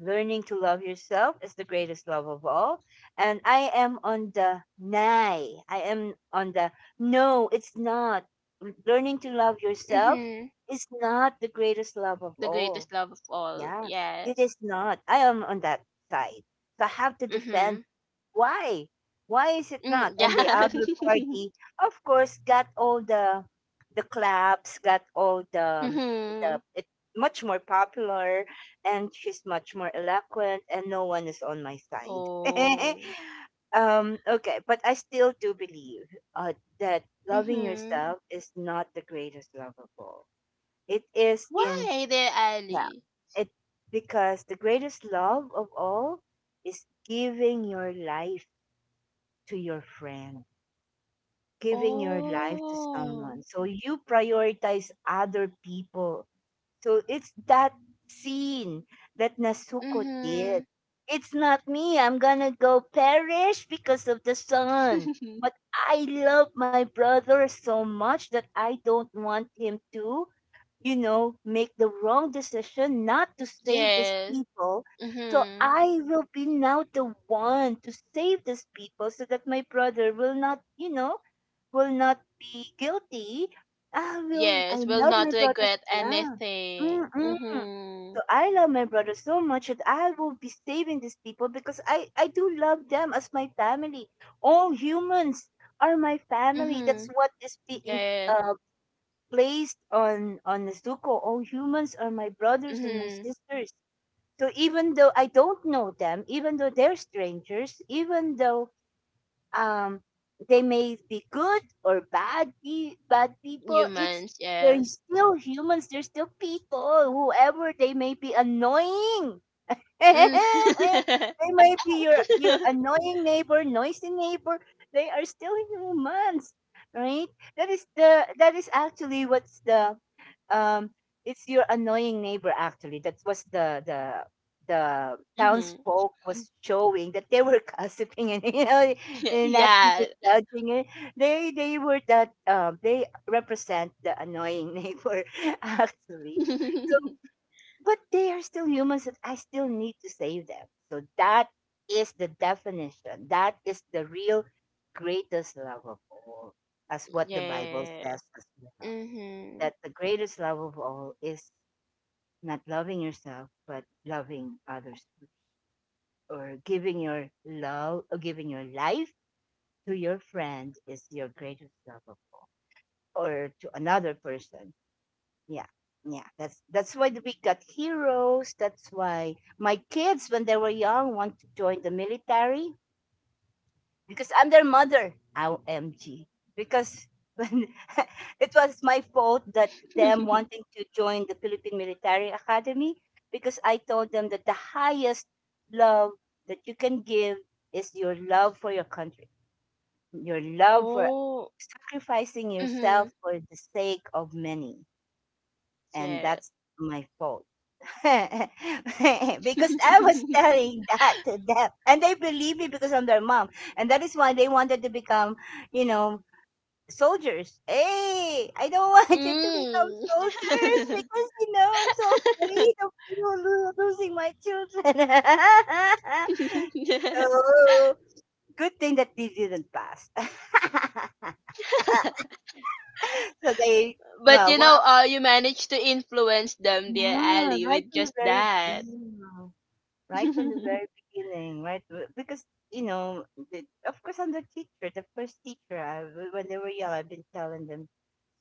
Learning to love yourself is the greatest love of all. And I am on the nay. I am on the, no, it's not. Learning to love yourself
Mhm.
is not the greatest love of
The
all.
greatest love of all,
Yeah. It
yes.
is not. I am on that side. So I have to defend
Mhm.
why? Why is it not?
Mm, yeah.
And the other party, of course, got all the the claps, got all the the
Mhm.
it's much more popular, and she's much more eloquent, and no one is on my side.
Oh.
Um, okay, but I still do believe, uh, that loving
Mhm.
yourself is not the greatest love of all. It is in.
Why there,
Yeah,
Ali?
it, because the greatest love of all is giving your life to your friend, giving your life to
Oh.
someone. So you prioritize other people. So it's that scene that Nasuko did.
Mhm.
It's not me. I'm gonna go perish because of the sun. But I love my brother so much that I don't want him to, you know, make the wrong decision not to save these
Yes.
people. So
Mhm.
I will be now the one to save these people so that my brother will not, you know, will not be guilty. I will, I
Yes, will
love my
not
brothers.
regret
Yeah.
anything.
Mm-mm. So
Mhm.
I love my brother so much that I will be saving these people because I, I do love them as my family. All humans are my family. That's
Mhm.
what this being,
Yeah.
uh, placed on on Nezuko. All humans are my brothers and my
Mhm.
sisters. So even though I don't know them, even though they're strangers, even though um they may be good or bad pe- bad people, it's
Humans,
they're
yes.
still humans. They're still people. Whoever they may be annoying,
Mm.
they might be your your annoying neighbor, noisy neighbor. They are still humans, right? That is the that is actually what's the um it's your annoying neighbor actually. That was the the the
Mhm.
townsfolk was showing that they were gossiping and, you know and not
Yeah.
really judging it. They they were that, um they represent the annoying neighbor actually. So, but they are still humans and I still need to save them. So that is the definition. That is the real greatest love of all, as what the Bible
Yeah.
says as well.
Mhm.
That the greatest love of all is not loving yourself, but loving others, or giving your love, or giving your life to your friend is your greatest love of all, or to another person. Yeah. Yeah, that's that's why we got heroes. That's why my kids, when they were young, want to join the military because I'm their mother. O M G. Because when it was my fault that them wanting to join the Philippine Military Academy, because I told them that the highest love that you can give is your love for your country, your love for
Oh.
sacrificing
Mhm.
yourself for the sake of many. And
Yeah.
that's my fault because I was telling that to them, and they believe me because I'm their mom, and that is why they wanted to become, you know, soldiers. Hey, I don't want you to become soldiers because, you know, I'm so
Mm.
afraid of, you know, lo- losing my children. so good thing that they didn't pass. so they,
But
well,
you
one,
know, uh, you managed to influence them, dear
yeah,
Ali,
life
with
is
just
very.
that.
Right from the very beginning, right? B- Because you know, the, of course, I'm the teacher, the first teacher. I, w- when they were young, I've been telling them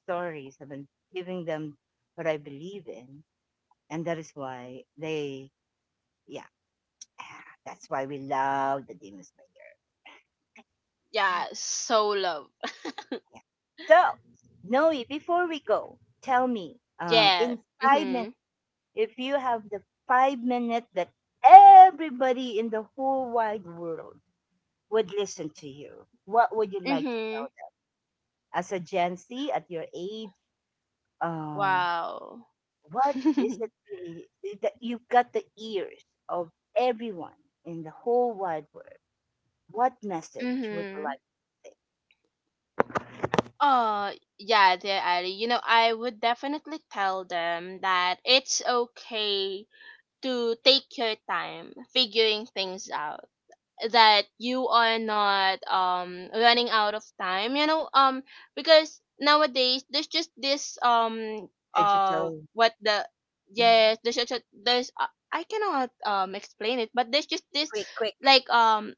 stories. I've been giving them what I believe in, and that is why they, yeah, that's why we love the Demon Slayer.
Yeah, so love.
Yeah. So, Noe, before we go, tell me, um,
Yeah.
in five minutes,
Mhm.
if you have the five minutes that everybody in the whole wide world would listen to you, what would you like to
Mhm.
tell them? As a Gen Z at your age, uh,
Wow.
what is it really that you've got the ears of everyone in the whole wide world? What message would you
Mhm.
like to say?
Oh, yeah, dear Ali. You know, I would definitely tell them that it's okay to take your time figuring things out, that you are not um running out of time, you know um because nowadays there's just this um uh
Digital.
what the,
Mhm.
yes, there's just, there's uh, I cannot um explain it, but there's just this
Quick, quick.
like um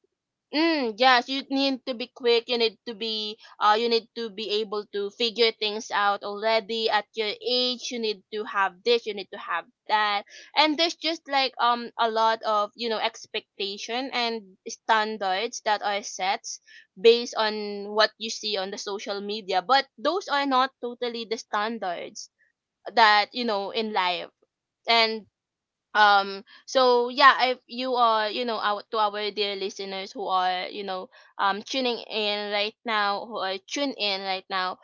mm, yes, you need to be quick. You need to be uh you need to be able to figure things out already at your age. You need to have this, you need to have that. And there's just like um a lot of, you know, expectation and standards that are set based on what you see on the social media, but those are not totally the standards that, you know, in life. And um so yeah, if you are, you know, our, to our dear listeners who are, you know, um tuning in right now, who are tuned in right now,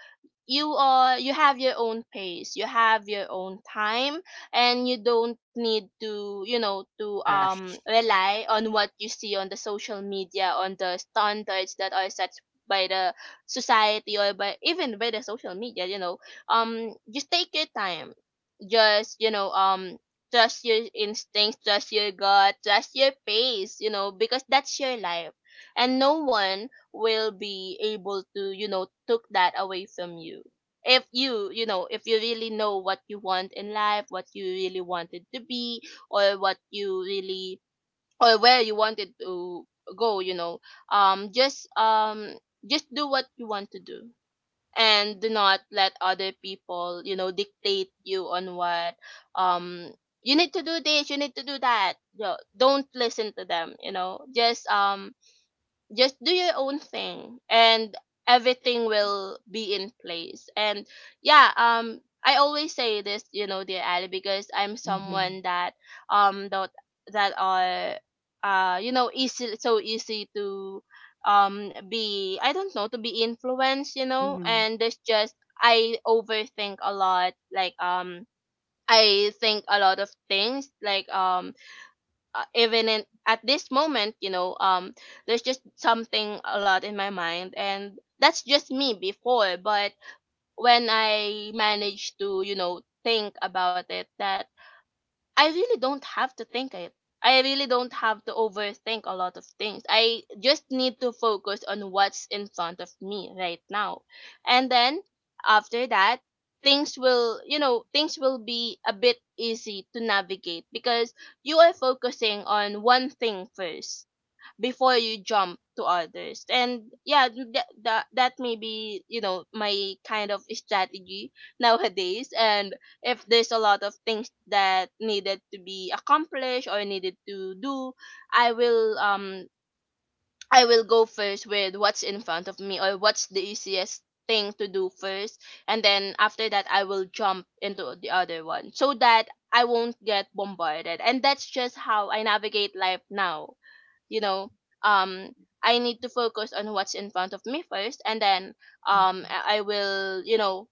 you are you have your own pace, you have your own time, and you don't need to, you know, to
Rush.
um rely on what you see on the social media, on the standards that are set by the society or by even by the social media, you know, um just take your time, just, you know um trust your instincts, trust your gut, trust your pace, you know, because that's your life, and no one will be able to, you know, took that away from you. If you, you know, if you really know what you want in life, what you really wanted to be, or what you really, or where you wanted to go, you know, um just um just do what you want to do, and do not let other people, you know, dictate you on what um you need to do this, you need to do that, you know, don't listen to them, you know, just um just do your own thing, and everything will be in place. And yeah, um I always say this, you know, dear Ali, because I'm
Hmm.
someone that um that that are uh you know, easy, so easy to um be, I don't know, to be influenced, you know,
Hmm.
and there's just, I overthink a lot, like um I think a lot of things, like um uh, even in at this moment, you know, um there's just something a lot in my mind, and that's just me before. But when I manage to, you know, think about it, that I really don't have to think it. I really don't have to overthink a lot of things. I just need to focus on what's in front of me right now. And then after that, things will, you know, things will be a bit easy to navigate because you are focusing on one thing first before you jump to others. And yeah, that, that that may be, you know, my kind of strategy nowadays. And if there's a lot of things that needed to be accomplished or needed to do, i will um I will go first with what's in front of me, or what's the easiest thing to do first, and then after that I will jump into the other one, so that I won't get bombarded. And that's just how I navigate life now, you know. um I need to focus on what's in front of me first, and then um
Hmm.
i I will, you know,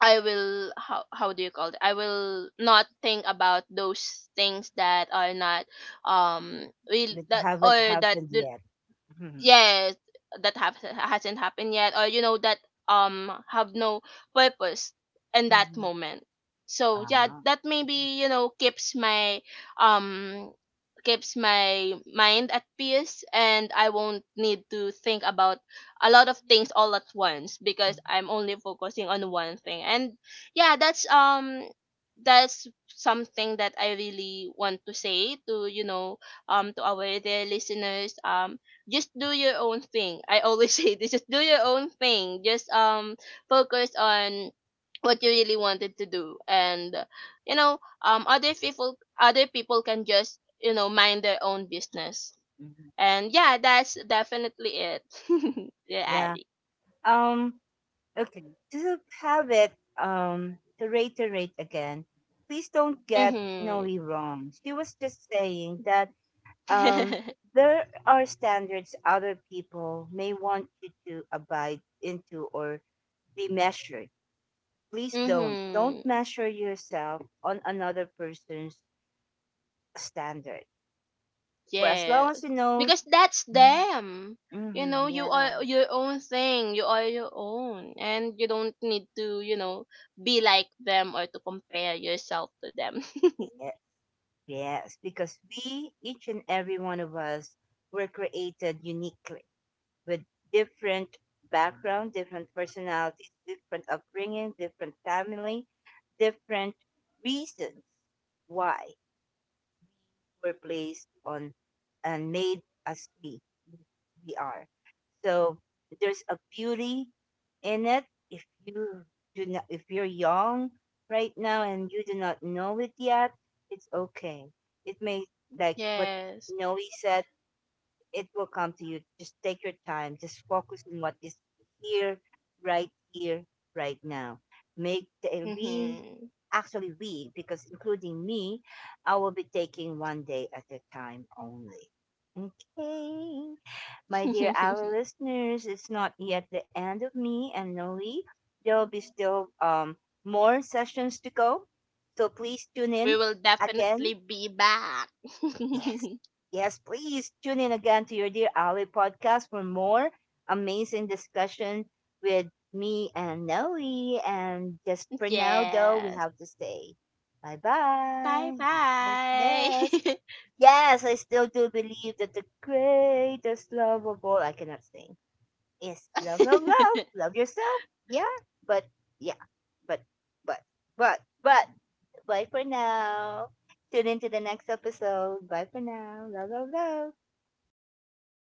I will, how, how do you call it, I will not think about those things that are not um real,
That
that
haven't
or that
happened
do.
yet. Hmm.
Yes, that have, hasn't happened yet, or you know that um have no purpose in that
Hmm.
moment. So yeah,
Wow.
that maybe, you know, keeps my um keeps my mind at peace, and I won't need to think about a lot of things all at once because
Hmm.
I'm only focusing on one thing. And yeah, that's um that's something that I really want to say to, you know, um to our dear listeners. Um just do your own thing. I always say this: just do your own thing. Just um focus on what you really wanted to do, and you know, um other people other people can just, you know, mind their own business.
Hmm.
And yeah, that's definitely it. Yeah,
Yeah.
Ali.
Um. Okay, to have it, um, to reiterate again, please don't get Noe
Mhm.
wrong. She was just saying that, um, there are standards other people may want you to abide into or be measured. Please don't. Don't
Mhm.
measure yourself on another person's standard. For as long
Yes,
as you know,
because that's
mm,
them. You
mm-hmm,
know, you
yeah,
are your own thing. You are your own, and you don't need to, you know, be like them or to compare yourself to them.
yeah, yes, because we, each and every one of us, were created uniquely with different background, different personalities, different upbringing, different family, different reasons why we were placed on and made as we we are. So there's a beauty in it. If you do not, if you're young right now and you do not know it yet, it's okay. It may, like what
Yes.
Noe said, it will come to you. Just take your time. Just focus on what is here, right here, right now. Make the, we,
Mhm.
actually we, because including me, I will be taking one day at a time only. Okay. My dear our listeners, it's not yet the end of me and Noe. There will be still, um, more sessions to go. So please tune
We
in
will
again.
definitely be back.
Yes. Yes, please tune in again to your Dear Ali podcast for more amazing discussion with me and Noe. And just for now, though, we
Yes.
have to say bye
Bye
bye. Yes, yes.
bye.
Yes, I still do believe that the greatest love of all, I cannot sing, is love, love, love. Love yourself. Yeah. But, yeah. But, but, but, but. Bye for now. Tune in to the next episode. Bye for now. Love, love, love.